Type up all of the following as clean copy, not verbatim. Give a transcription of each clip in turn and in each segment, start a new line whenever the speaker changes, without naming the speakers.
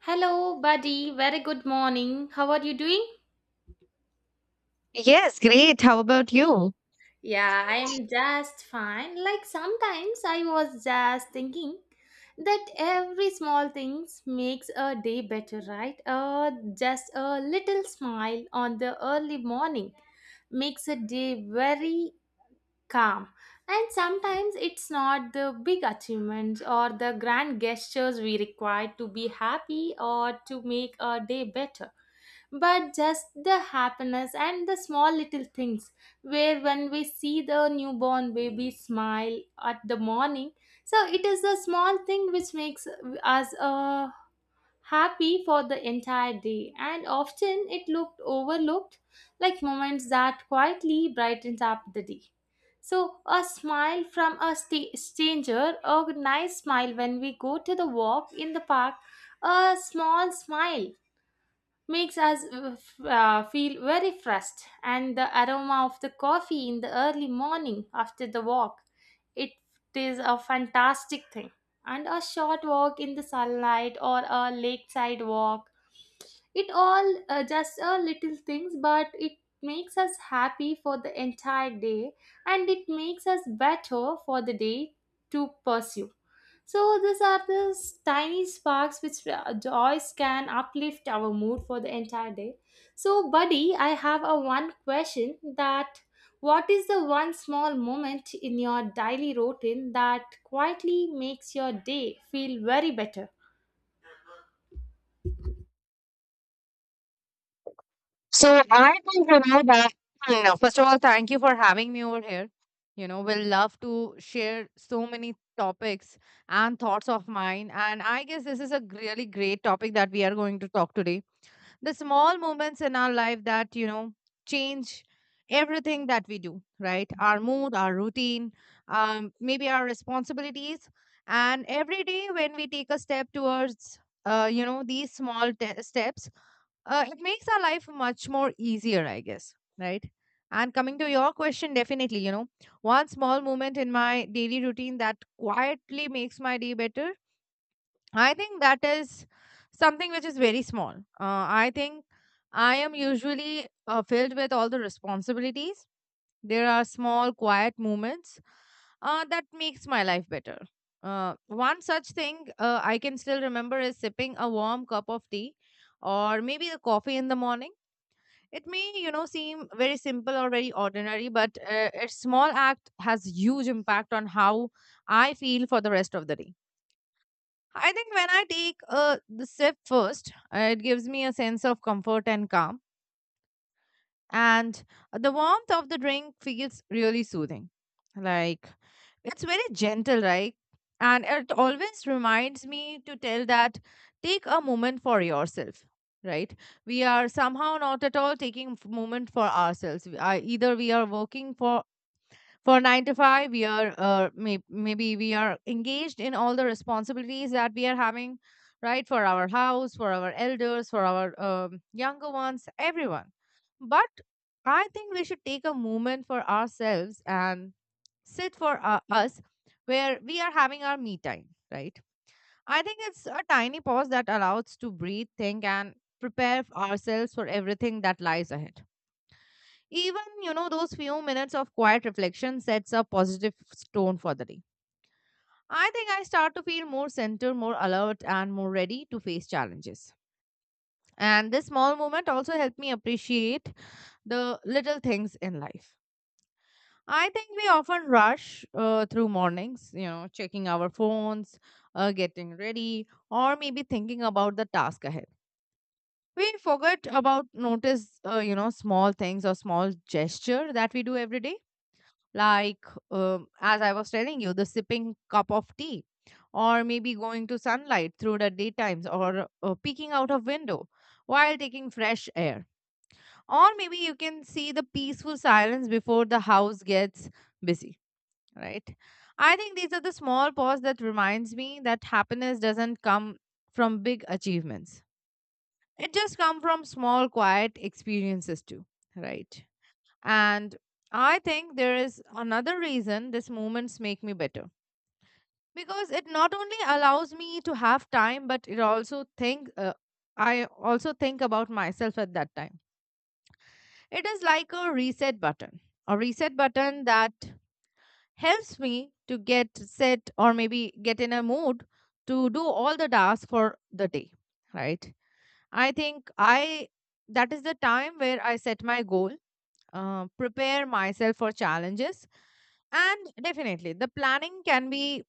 Hello, buddy. Very good morning. How are you doing?
Yes, great. How about you?
Yeah, I'm just fine. Like sometimes I was just thinking that every small things makes a day better, right? Just a little smile on the early morning makes a day very calm. And sometimes it's not the big achievements or the grand gestures we require to be happy or to make our day better, but just the happiness and the small little things. Where when we see the newborn baby smile at the morning, so it is a small thing which makes us happy for the entire day and often it looked overlooked like moments that quietly brightened up the day. So a smile from a stranger, a nice smile when we go to the walk in the park, a small smile makes us feel very fresh, and the aroma of the coffee in the early morning after the walk, it is a fantastic thing. And a short walk in the sunlight or a lakeside walk, it all just a little things, but it makes us happy for the entire day, and it makes us better for the day to pursue. So these are the tiny sparks which joys can uplift our mood for the entire day. So, buddy, I have a one question that, what is the one small moment in your daily routine that quietly makes your day feel very better?
So I think you that. First of all, thank you for having me over here. We'll love to share so many topics and thoughts of mine. And I guess this is a really great topic that we are going to talk today. The small moments in our life that change everything that we do, right, our mood, our routine, maybe our responsibilities. And every day when we take a step towards, these small steps, it makes our life much more easier, I guess, right? And coming to your question, definitely, one small moment in my daily routine that quietly makes my day better. I think that is something which is very small. I think I am usually filled with all the responsibilities. There are small, quiet moments that makes my life better. One such thing I can still remember is sipping a warm cup of tea or maybe the coffee in the morning. It may seem very simple or very ordinary, but a small act has huge impact on how I feel for the rest of the day. I think when I take the sip first, it gives me a sense of comfort and calm. And the warmth of the drink feels really soothing. Like it's very gentle, right? And it always reminds me to tell that take a moment for yourself, right? We are somehow not at all taking moment for ourselves. We are, either we are working for nine to five, we are maybe we are engaged in all the responsibilities that we are having, right, for our house, for our elders, for our younger ones, everyone. But I think we should take a moment for ourselves and sit for us, where we are having our me time, right? I think it's a tiny pause that allows to breathe, think, and prepare ourselves for everything that lies ahead. Even those few minutes of quiet reflection sets a positive tone for the day. I think I start to feel more centered, more alert, and more ready to face challenges. And this small moment also helped me appreciate the little things in life. I think we often rush through mornings, checking our phones, getting ready, or maybe thinking about the task ahead. We forget about notice, small things or small gesture that we do every day, like as I was telling you, the sipping cup of tea, or maybe going to sunlight through the daytimes, or peeking out of window while taking fresh air, or maybe you can see the peaceful silence before the house gets busy, right? I think these are the small pause that reminds me that happiness doesn't come from big achievements. It just come from small quiet experiences too, right. And I think there is another reason these moments make me better, because it not only allows me to have time, but it also think I also think about myself at that time. It is like a reset button that helps me to get set or maybe get in a mood to do all the tasks for the day, right? I think, I that is the time where I set my goal, prepare myself for challenges. And definitely, the planning can be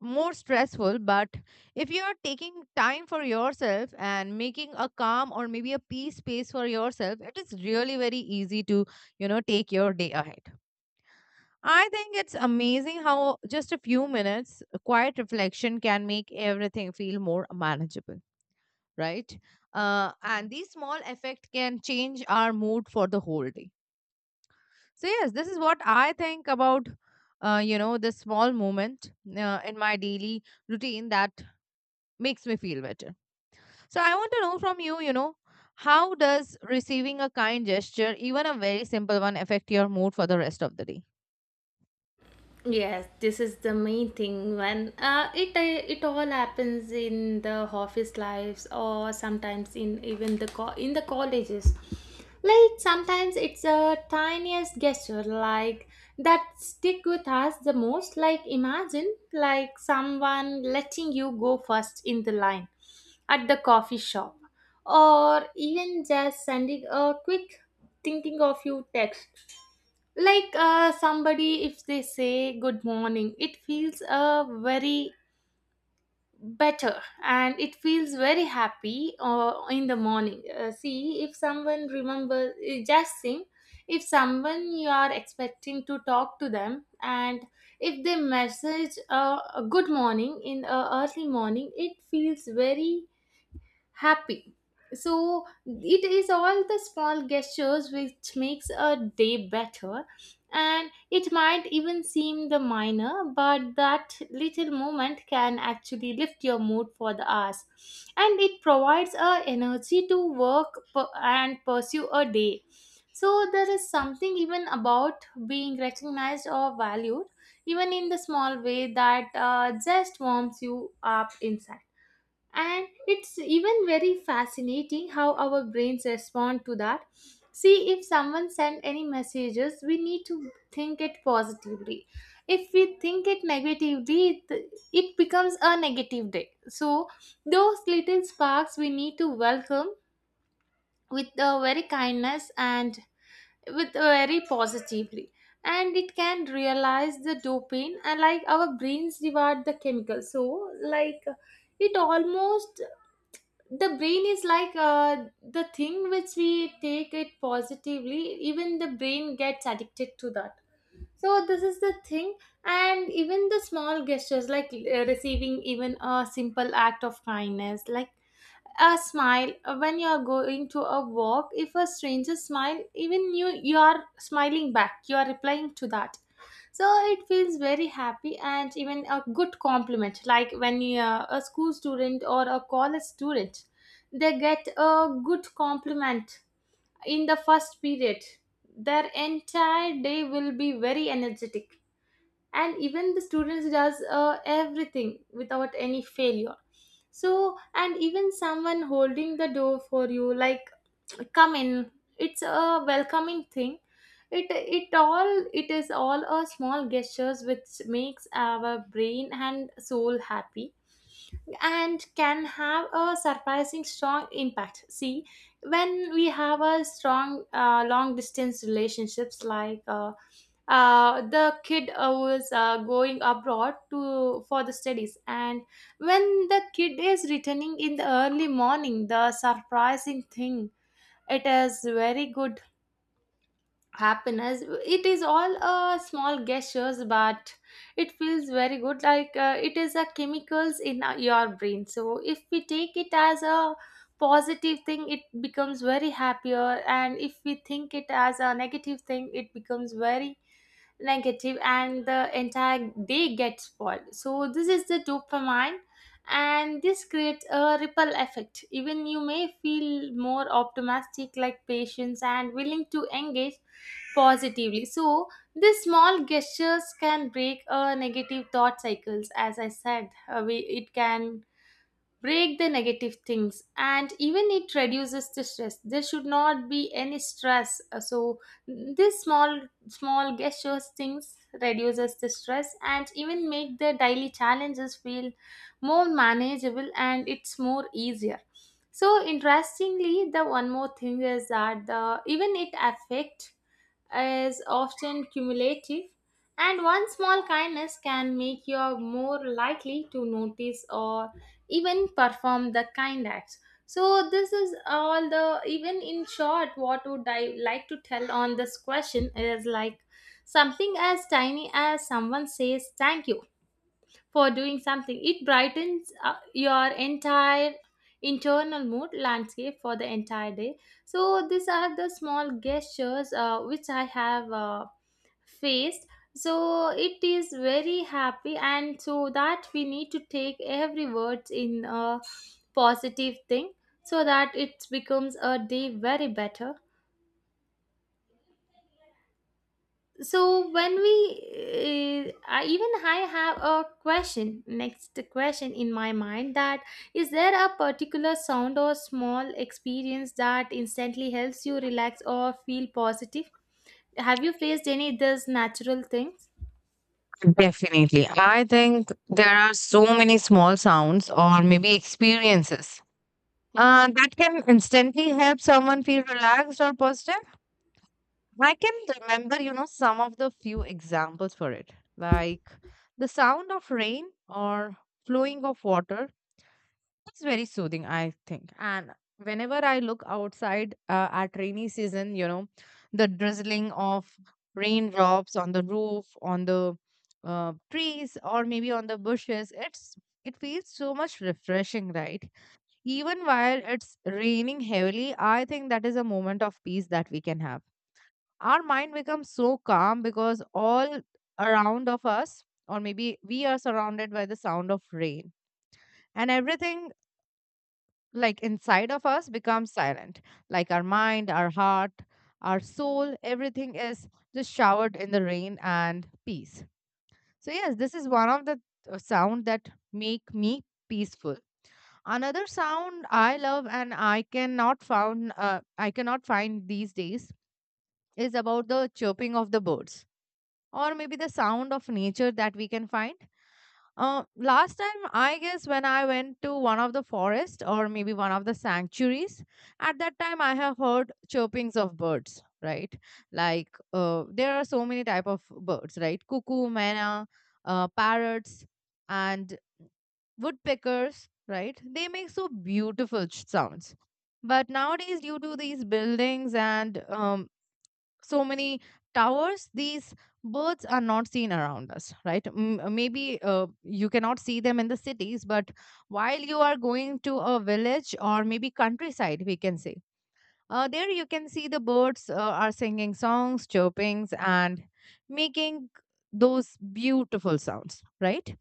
more stressful, but if you are taking time for yourself and making a calm or maybe a peace space for yourself, it is really very easy to, take your day ahead. I think it's amazing how just a few minutes quiet reflection can make everything feel more manageable, right? And these small effects can change our mood for the whole day. So yes, this is what I think about this small moment in my daily routine that makes me feel better. So I want to know from you, how does receiving a kind gesture, even a very simple one, affect your mood for the rest of the day?
Yes, this is the main thing when it all happens in the office lives or sometimes in even in the colleges. Like sometimes it's a tiniest gesture like that stick with us the most. Like imagine like someone letting you go first in the line at the coffee shop or even just sending a quick thinking of you text. Like somebody, if they say good morning, it feels very better and it feels very happy in the morning. See if someone remembers just sing, if someone you are expecting to talk to them and if they message a good morning in early morning, it feels very happy. So it is all the small gestures which makes a day better, and it might even seem the minor, but that little moment can actually lift your mood for the hours and it provides a energy to and pursue a day. So there is something even about being recognized or valued, even in the small way, that just warms you up inside, and it's even very fascinating how our brains respond to that. See if someone sent any messages, we need to think it positively. If we think it negatively, it becomes a negative day. So those little sparks we need to welcome with a very kindness and with a very positively, and it can realize the dopamine and like our brains reward the chemical. So like it almost, the brain is like the thing which we take it positively, even the brain gets addicted to that. So this is the thing. And even the small gestures like receiving even a simple act of kindness, like a smile when you are going to a walk, if a stranger smile, even you are smiling back, you are replying to that. So it feels very happy. And even a good compliment, like when you are a school student or a college student, they get a good compliment in the first period. Their entire day will be very energetic. And even the students does everything without any failure. So, and even someone holding the door for you, like come in, it's a welcoming thing. It is all a small gestures which makes our brain and soul happy and can have a surprising strong impact. See when we have a strong long distance relationships, the kid was going abroad to for the studies, and when the kid is returning in the early morning, the surprising thing, it is very good happiness. It is all small gestures, but it feels very good. Like it is a chemicals in your brain, so if we take it as a positive thing, it becomes very happier, and if we think it as a negative thing, it becomes very negative and the entire day gets spoiled. So this is the dopamine, and this creates a ripple effect. Even you may feel more optimistic, like patience and willing to engage positively. So these small gestures can break a negative thought cycles. As I said, it can break the negative things, and even it reduces the stress. There should not be any stress. So this small gestures things reduces the stress and even make the daily challenges feel more manageable and it's more easier. So interestingly, the one more thing is that the even it affect is often cumulative, and one small kindness can make you more likely to notice or even perform the kind acts. So this is all. The even in short, what would I like to tell on this question is like something as tiny as someone says thank you for doing something. It brightens your entire internal mood landscape for the entire day. So these are the small gestures which I have faced. So it is very happy, and so that we need to take every word in a positive thing so that it becomes a day very better. So when we even I have a question, next question in my mind, that is there a particular sound or small experience that instantly helps you relax or feel positive? Have you faced any of these natural things?
Definitely. I think there are so many small sounds or maybe experiences that can instantly help someone feel relaxed or positive. I can remember, some of the few examples for it, like the sound of rain or flowing of water. It's very soothing, I think. And whenever I look outside at rainy season, the drizzling of raindrops on the roof, on the trees, or maybe on the bushes, it feels so much refreshing, right? Even while it's raining heavily, I think that is a moment of peace that we can have. Our mind becomes so calm because all around of us, or maybe we are surrounded by the sound of rain, and everything like inside of us becomes silent, like our mind, our heart, our soul, everything is just showered in the rain and peace. So yes, this is one of the sound that make me peaceful. Another sound I love and I cannot find these days is about the chirping of the birds, or maybe the sound of nature that we can find. Last time, I guess when I went to one of the forest or maybe one of the sanctuaries, at that time I have heard chirpings of birds. Right, like there are so many type of birds. Right, cuckoo, mena, parrots, and woodpeckers. Right, they make so beautiful sounds. But nowadays, due to these buildings and so many towers, these birds are not seen around us, right? Maybe you cannot see them in the cities, but while you are going to a village or maybe countryside, we can say there you can see the birds are singing songs, chirpings, and making those beautiful sounds, right?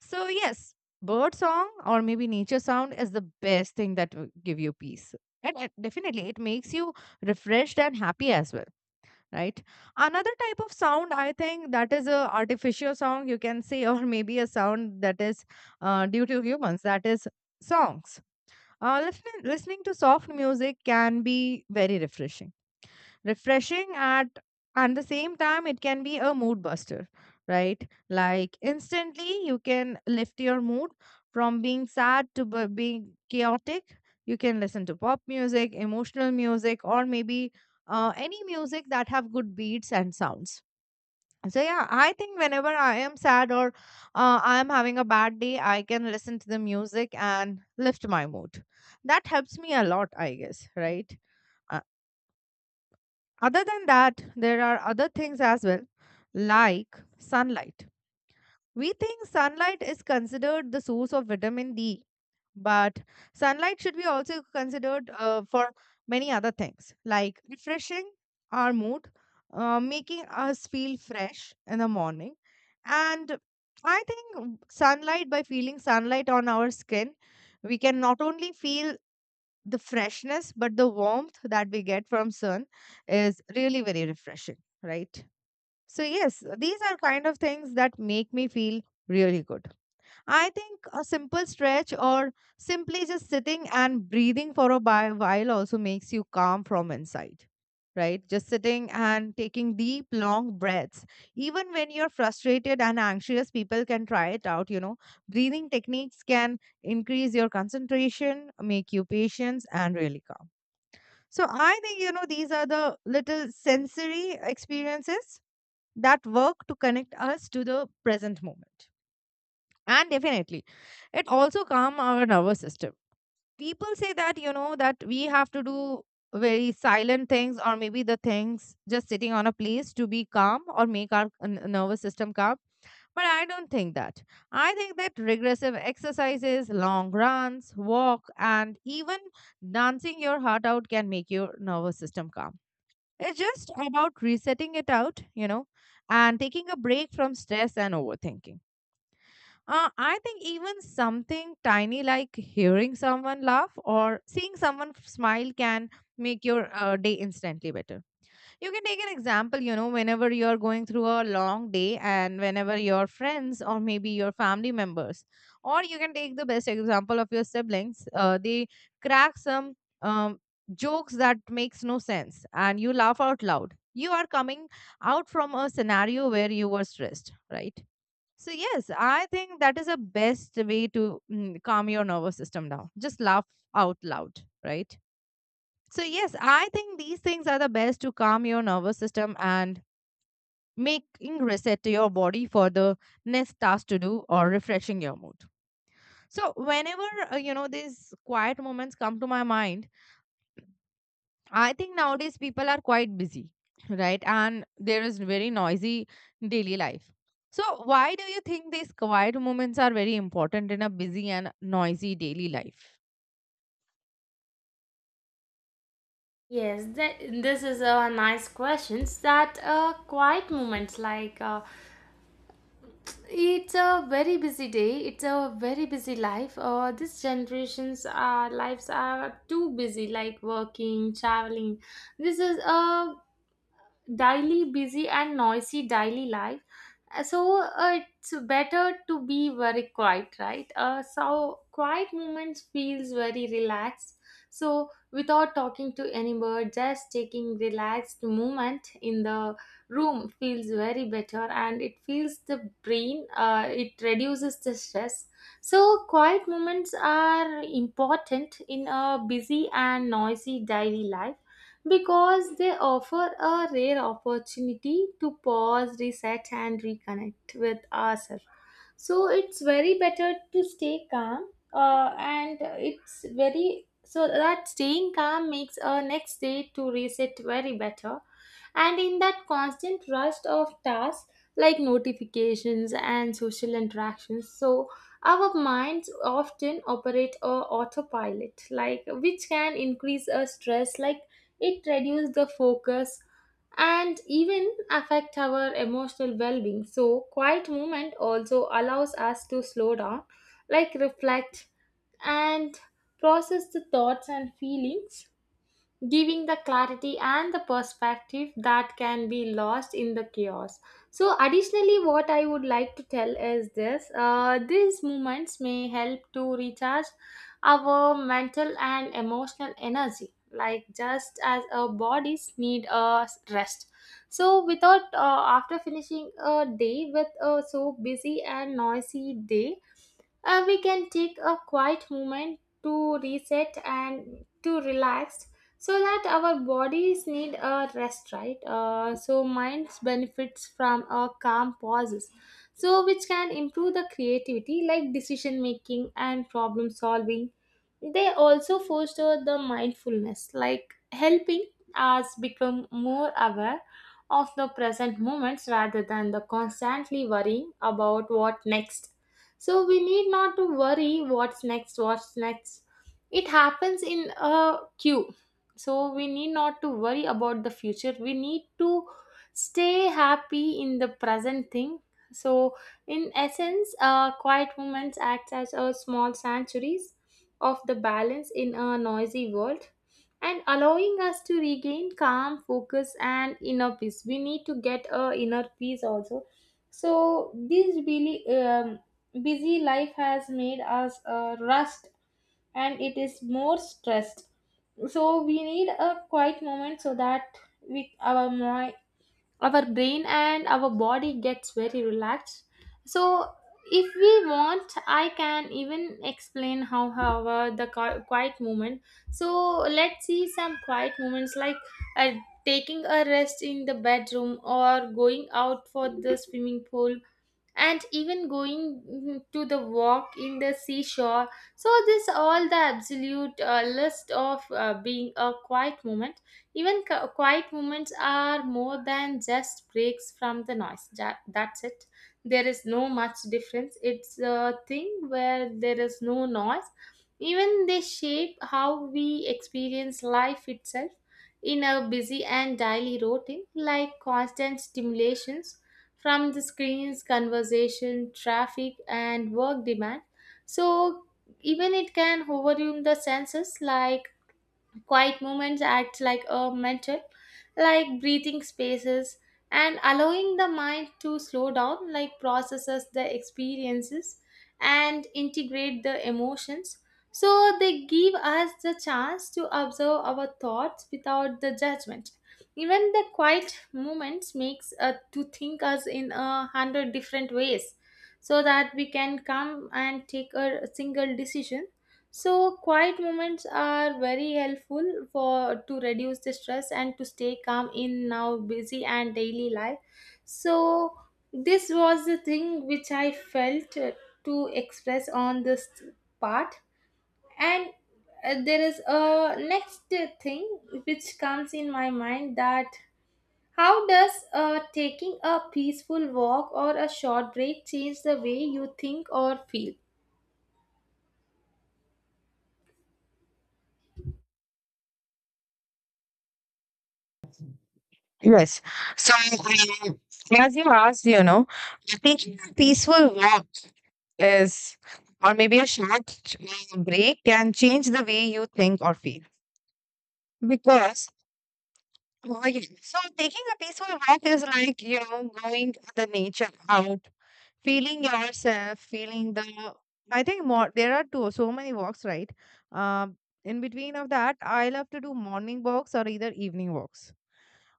So yes, bird song or maybe nature sound is the best thing that will give you peace. And definitely, it makes you refreshed and happy as well, right? Another type of sound, I think, that is a artificial sound, you can say, or maybe a sound that is due to humans, that is songs. Listening to soft music can be very refreshing, at and the same time it can be a mood buster, right? Like instantly you can lift your mood from being sad to being chaotic. You can listen to pop music, emotional music, or maybe any music that have good beats and sounds. So yeah, I think whenever I am sad or I am having a bad day, I can listen to the music and lift my mood. That helps me a lot, I guess, right? Uh, other than that, there are other things as well, like sunlight. We think sunlight is considered the source of vitamin D, but sunlight should be also considered for many other things, like refreshing our mood, making us feel fresh in the morning. And I think sunlight, by feeling sunlight on our skin, we can not only feel the freshness but the warmth that we get from sun is really very refreshing, right? So yes, these are kind of things that make me feel really good. I think a simple stretch or simply just sitting and breathing for a while also makes you calm from inside, right? Just sitting and taking deep, long breaths. Even when you're frustrated and anxious, people can try it out. Breathing techniques can increase your concentration, make you patient, and really calm. So I think, these are the little sensory experiences that work to connect us to the present moment, and definitely, it also calm our nervous system. People say that, that we have to do very silent things, or maybe the things just sitting on a place to be calm or make our nervous system calm. But I don't think that. I think that regressive exercises, long runs, walk, and even dancing your heart out can make your nervous system calm. It's just about resetting it out, and taking a break from stress and overthinking. I think even something tiny like hearing someone laugh or seeing someone smile can make your day instantly better. You can take an example, whenever you're going through a long day and whenever your friends or maybe your family members, or you can take the best example of your siblings, they crack some um, jokes that makes no sense and you laugh out loud. You are coming out from a scenario where you were stressed, right? So yes, I think that is the best way to calm your nervous system down. Just laugh out loud, right? So yes, I think these things are the best to calm your nervous system and making reset to your body for the next task to do or refreshing your mood. So whenever these quiet moments come to my mind, I think nowadays people are quite busy, right? And there is very noisy daily life. So, why do you think these quiet moments are very important in a busy and noisy daily life?
Yes, that, this is a nice questions. That quiet moments like it's a very busy day. It's a very busy life. This generation's lives are too busy, like working, traveling. This is a daily busy and noisy daily life. Uh, so it's better to be very quiet, right? So quiet moments feels very relaxed. So without talking to anybody, just taking relaxed movement in the room feels very better, and it feels the brain, it reduces the stress. So quiet moments are important in a busy and noisy daily life because they offer a rare opportunity to pause, reset, and reconnect with ourselves. So it's very better to stay calm, and it's very so that staying calm makes our next day to reset very better. And in that constant rush of tasks like notifications and social interactions, so our minds often operate on autopilot, like which can increase our stress, like it reduces the focus and even affect our emotional well-being. So quiet movement also allows us to slow down, like reflect and process the thoughts and feelings, giving the clarity and the perspective that can be lost in the chaos. So additionally, what I would like to tell is this, these moments may help to recharge our mental and emotional energy, like just as our bodies need a rest. So without after finishing a day with a so busy and noisy day, we can take a quiet moment to reset and to relax, so that our bodies need a rest, right? So minds benefits from a calm pauses, so which can improve the creativity, like decision making and problem solving. They also foster the mindfulness, like helping us become more aware of the present moments rather than the constantly worrying about what next. So we need not to worry what's next, what's next. It happens in a queue. So we need not to worry about the future. We need to stay happy in the present thing. So in essence, quiet moments act as a small sanctuaries of the balance in a noisy world and allowing us to regain calm focus and inner peace. We need to get a inner peace also. So this really busy life has made us rust and it is more stressed. So we need a quiet moment so that we our mi- our brain and our body gets very relaxed. So if we want, I can even explain how however the quiet movement. So let's see some quiet moments, like uh, taking a rest in the bedroom or going out for the swimming pool and even going to the walk in the seashore. So this all the absolute list of being a quiet moment. Even quiet moments are more than just breaks from the noise, that, that's it. There is no much difference. It's a thing where there is no noise. Even they shape how we experience life itself in a busy and daily routine, like constant stimulation from the screens, conversation, traffic, and work demand. So even it can overwhelm the senses like quiet moments act like a mental, like breathing spaces, and allowing the mind to slow down, like processes the experiences and integrate the emotions. So they give us the chance to observe our thoughts without the judgment. Even the quiet moments makes to think us in a 100 different ways so that we can come and take a single decision. So quiet moments are very helpful for to reduce the stress and to stay calm in now busy and daily life. So this was the thing which I felt to express on this part, and there is a next thing which comes in my mind that how does taking a peaceful walk or a short break change the way you think or feel?
Yes. So, um, as you asked, you know, taking a peaceful walk is, or maybe a short break can change the way you think or feel. Because, oh, yeah. So taking a peaceful walk is like, you know, going to the nature out, feeling yourself, feeling the, I think more, there are two, so many walks, right? um in between of that, I love to do morning walks or either evening walks.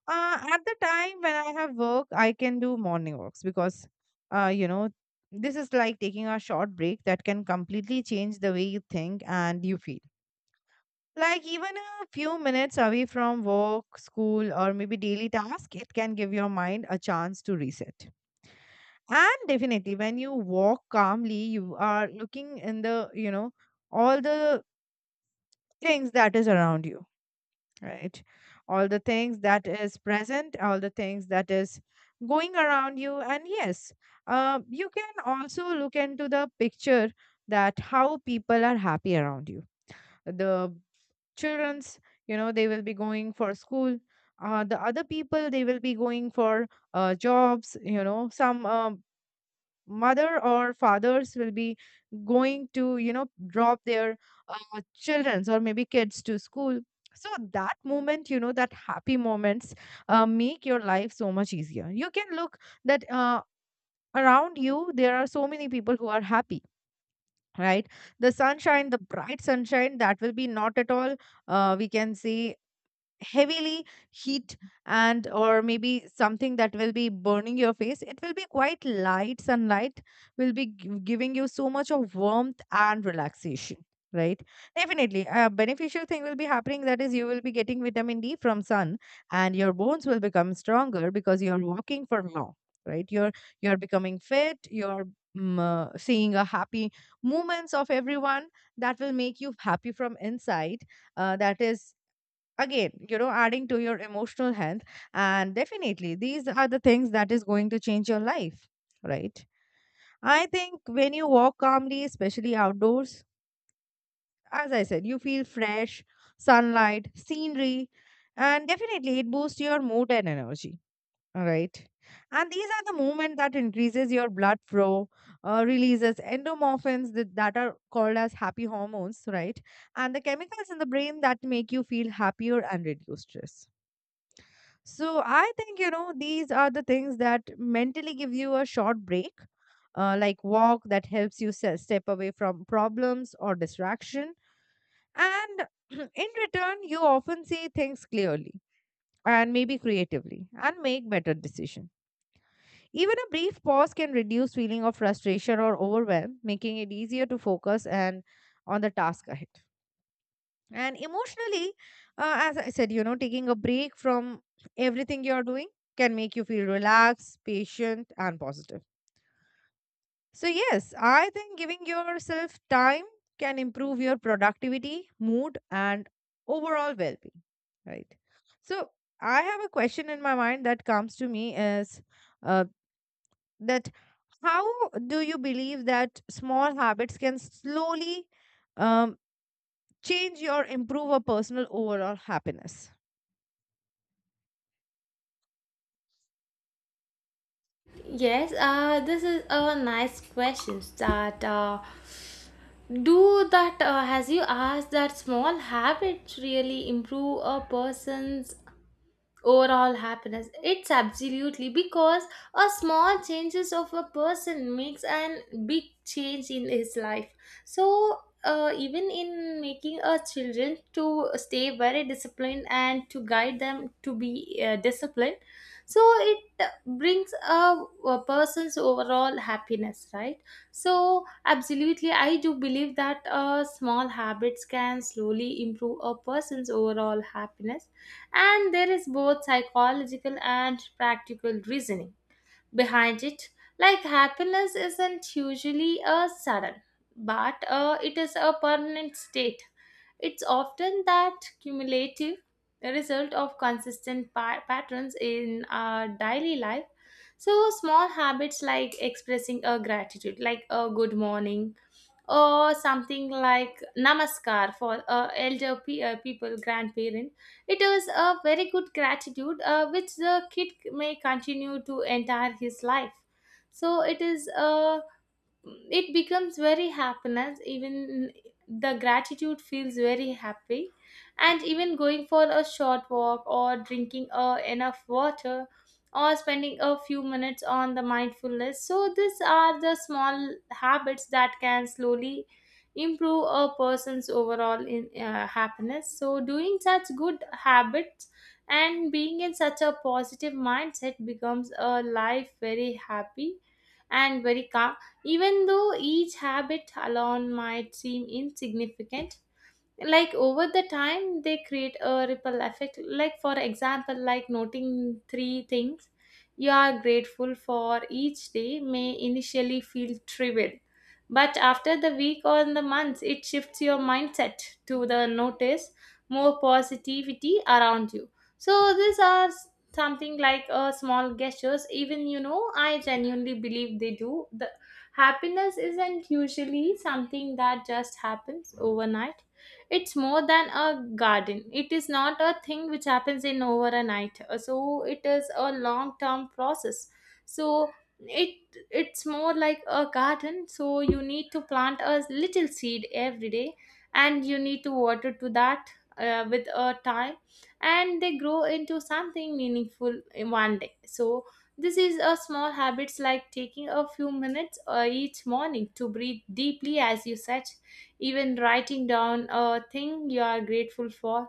At the time when I have work, I can do morning walks because, uh you know this is like taking a short break that can completely change the way you think and you feel. Like even a few minutes away from work, school, or maybe daily task, it can give your mind a chance to reset. And definitely when you walk calmly, you are looking in the, you know, all the things that is around you, right? All the things that is present, all the things that is going around you. And yes, you can also look into the picture, that how people are happy around you. The children's, you know, they will be going for school, the other people, they will be going for jobs, you know. Some mother or fathers will be going to, you know, drop their children's or maybe kids to school. So that moment, you know, that happy moments make your life so much easier. You can look that around you there are so many people who are happy, right? The sunshine, the bright sunshine, that will be not at all we can say heavily heat and or maybe something that will be burning your face. It will be quite light sunlight, will be giving you so much of warmth and relaxation, right? Definitely a beneficial thing will be happening, that is you will be getting vitamin D from sun, and your bones will become stronger because you're walking for long, right? You're becoming fit, you're seeing a happy movements of everyone. That will make you happy from inside. That is, again, you know, adding to your emotional health. And definitely these are the things that is going to change your life, right? I think when you walk calmly, especially outdoors, as I said, you feel fresh, sunlight, scenery, and definitely it boosts your mood and energy, all right? And these are the movement that increases your blood flow, releases endomorphins that are called as happy hormones, right? And the chemicals in the brain that make you feel happier and reduce stress. So I think, you know, these are the things that mentally give you a short break, like walk that helps you step away from problems or distraction. And in return, you often see things clearly and maybe creatively and make better decisions. Even a brief pause can reduce feeling of frustration or overwhelm, making it easier to focus and on the task ahead. And emotionally, as I said, you know, taking a break from everything you're doing can make you feel relaxed, patient, and positive. So, yes, I think giving yourself time can improve your productivity, mood, and overall well being, right? So, I have a question in my mind that comes to me is, uh, that how do you believe that small habits can slowly um, change or improve a personal overall happiness?
Yes, this is a nice question. That do that has you asked that small habits really improve a person's overall happiness, it's absolutely, because a small changes of a person makes an big change in his life. So even in making a children to stay very disciplined and to guide them to be disciplined, so it brings a person's overall happiness, right? So absolutely I do believe that small habits can slowly improve a person's overall happiness, and there is both psychological and practical reasoning behind it. Like happiness isn't usually a sudden, but it is a permanent state. It's often that cumulative result of consistent patterns in our daily life. So, small habits like expressing a gratitude, like a good morning, or something like namaskar for elder people, grandparent, it is a very good gratitude which the kid may continue to entire his life. So it is a, it becomes very happiness, even the gratitude feels very happy. And even going for a short walk or drinking enough water or spending a few minutes on the mindfulness, so these are the small habits that can slowly improve a person's overall in happiness. So doing such good habits and being in such a positive mindset becomes a life very happy and very calm. Even though each habit alone might seem insignificant, like over the time they create a ripple effect, like for example like noting three things you are grateful for each day may initially feel trivial, but after the week or the months it shifts your mindset to the notice more positivity around you. So these are something like small gestures. Even you know I genuinely believe they do. The happiness isn't usually something that just happens overnight. It's more than a garden, it is not a thing which happens in over a night. So it is a long term process. So it, it's more like a garden. So you need to plant a little seed every day, and you need to water to that with a time, and they grow into something meaningful in one day. So this is a small habits like taking a few minutes each morning to breathe deeply, as you said. Even writing down a thing you are grateful for,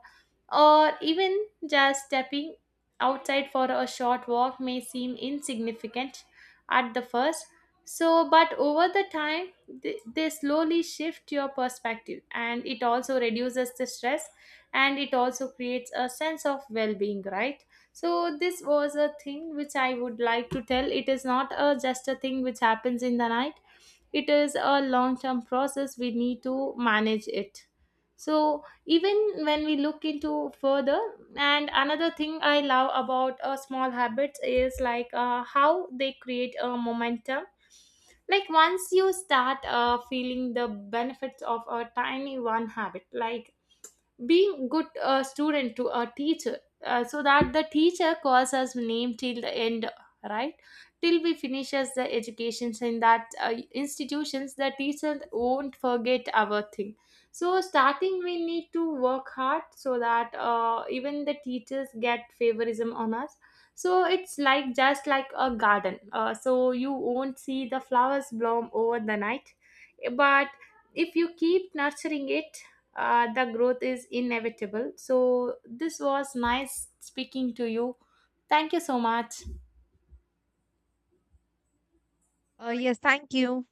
or even just stepping outside for a short walk may seem insignificant at the first. So, but over the time, they slowly shift your perspective, and it also reduces the stress, and it also creates a sense of well being, right? So, this was a thing which I would like to tell. It is not a, just a thing which happens in the night. It is a long term process, we need to manage it. So even when we look into further, and another thing I love about small habits is like how they create a momentum. Like once you start feeling the benefits of a tiny one habit, like being good student to a teacher, so that the teacher calls us name till the end, right, till we finishes the educations in that institutions, the teacher won't forget our thing. So starting we need to work hard so that even the teachers get favorism on us. So it's like just like a garden, so you won't see the flowers bloom over the night. But if you keep nurturing it, the growth is inevitable. So, this was nice speaking to you. Thank you so much.
Yes, thank you.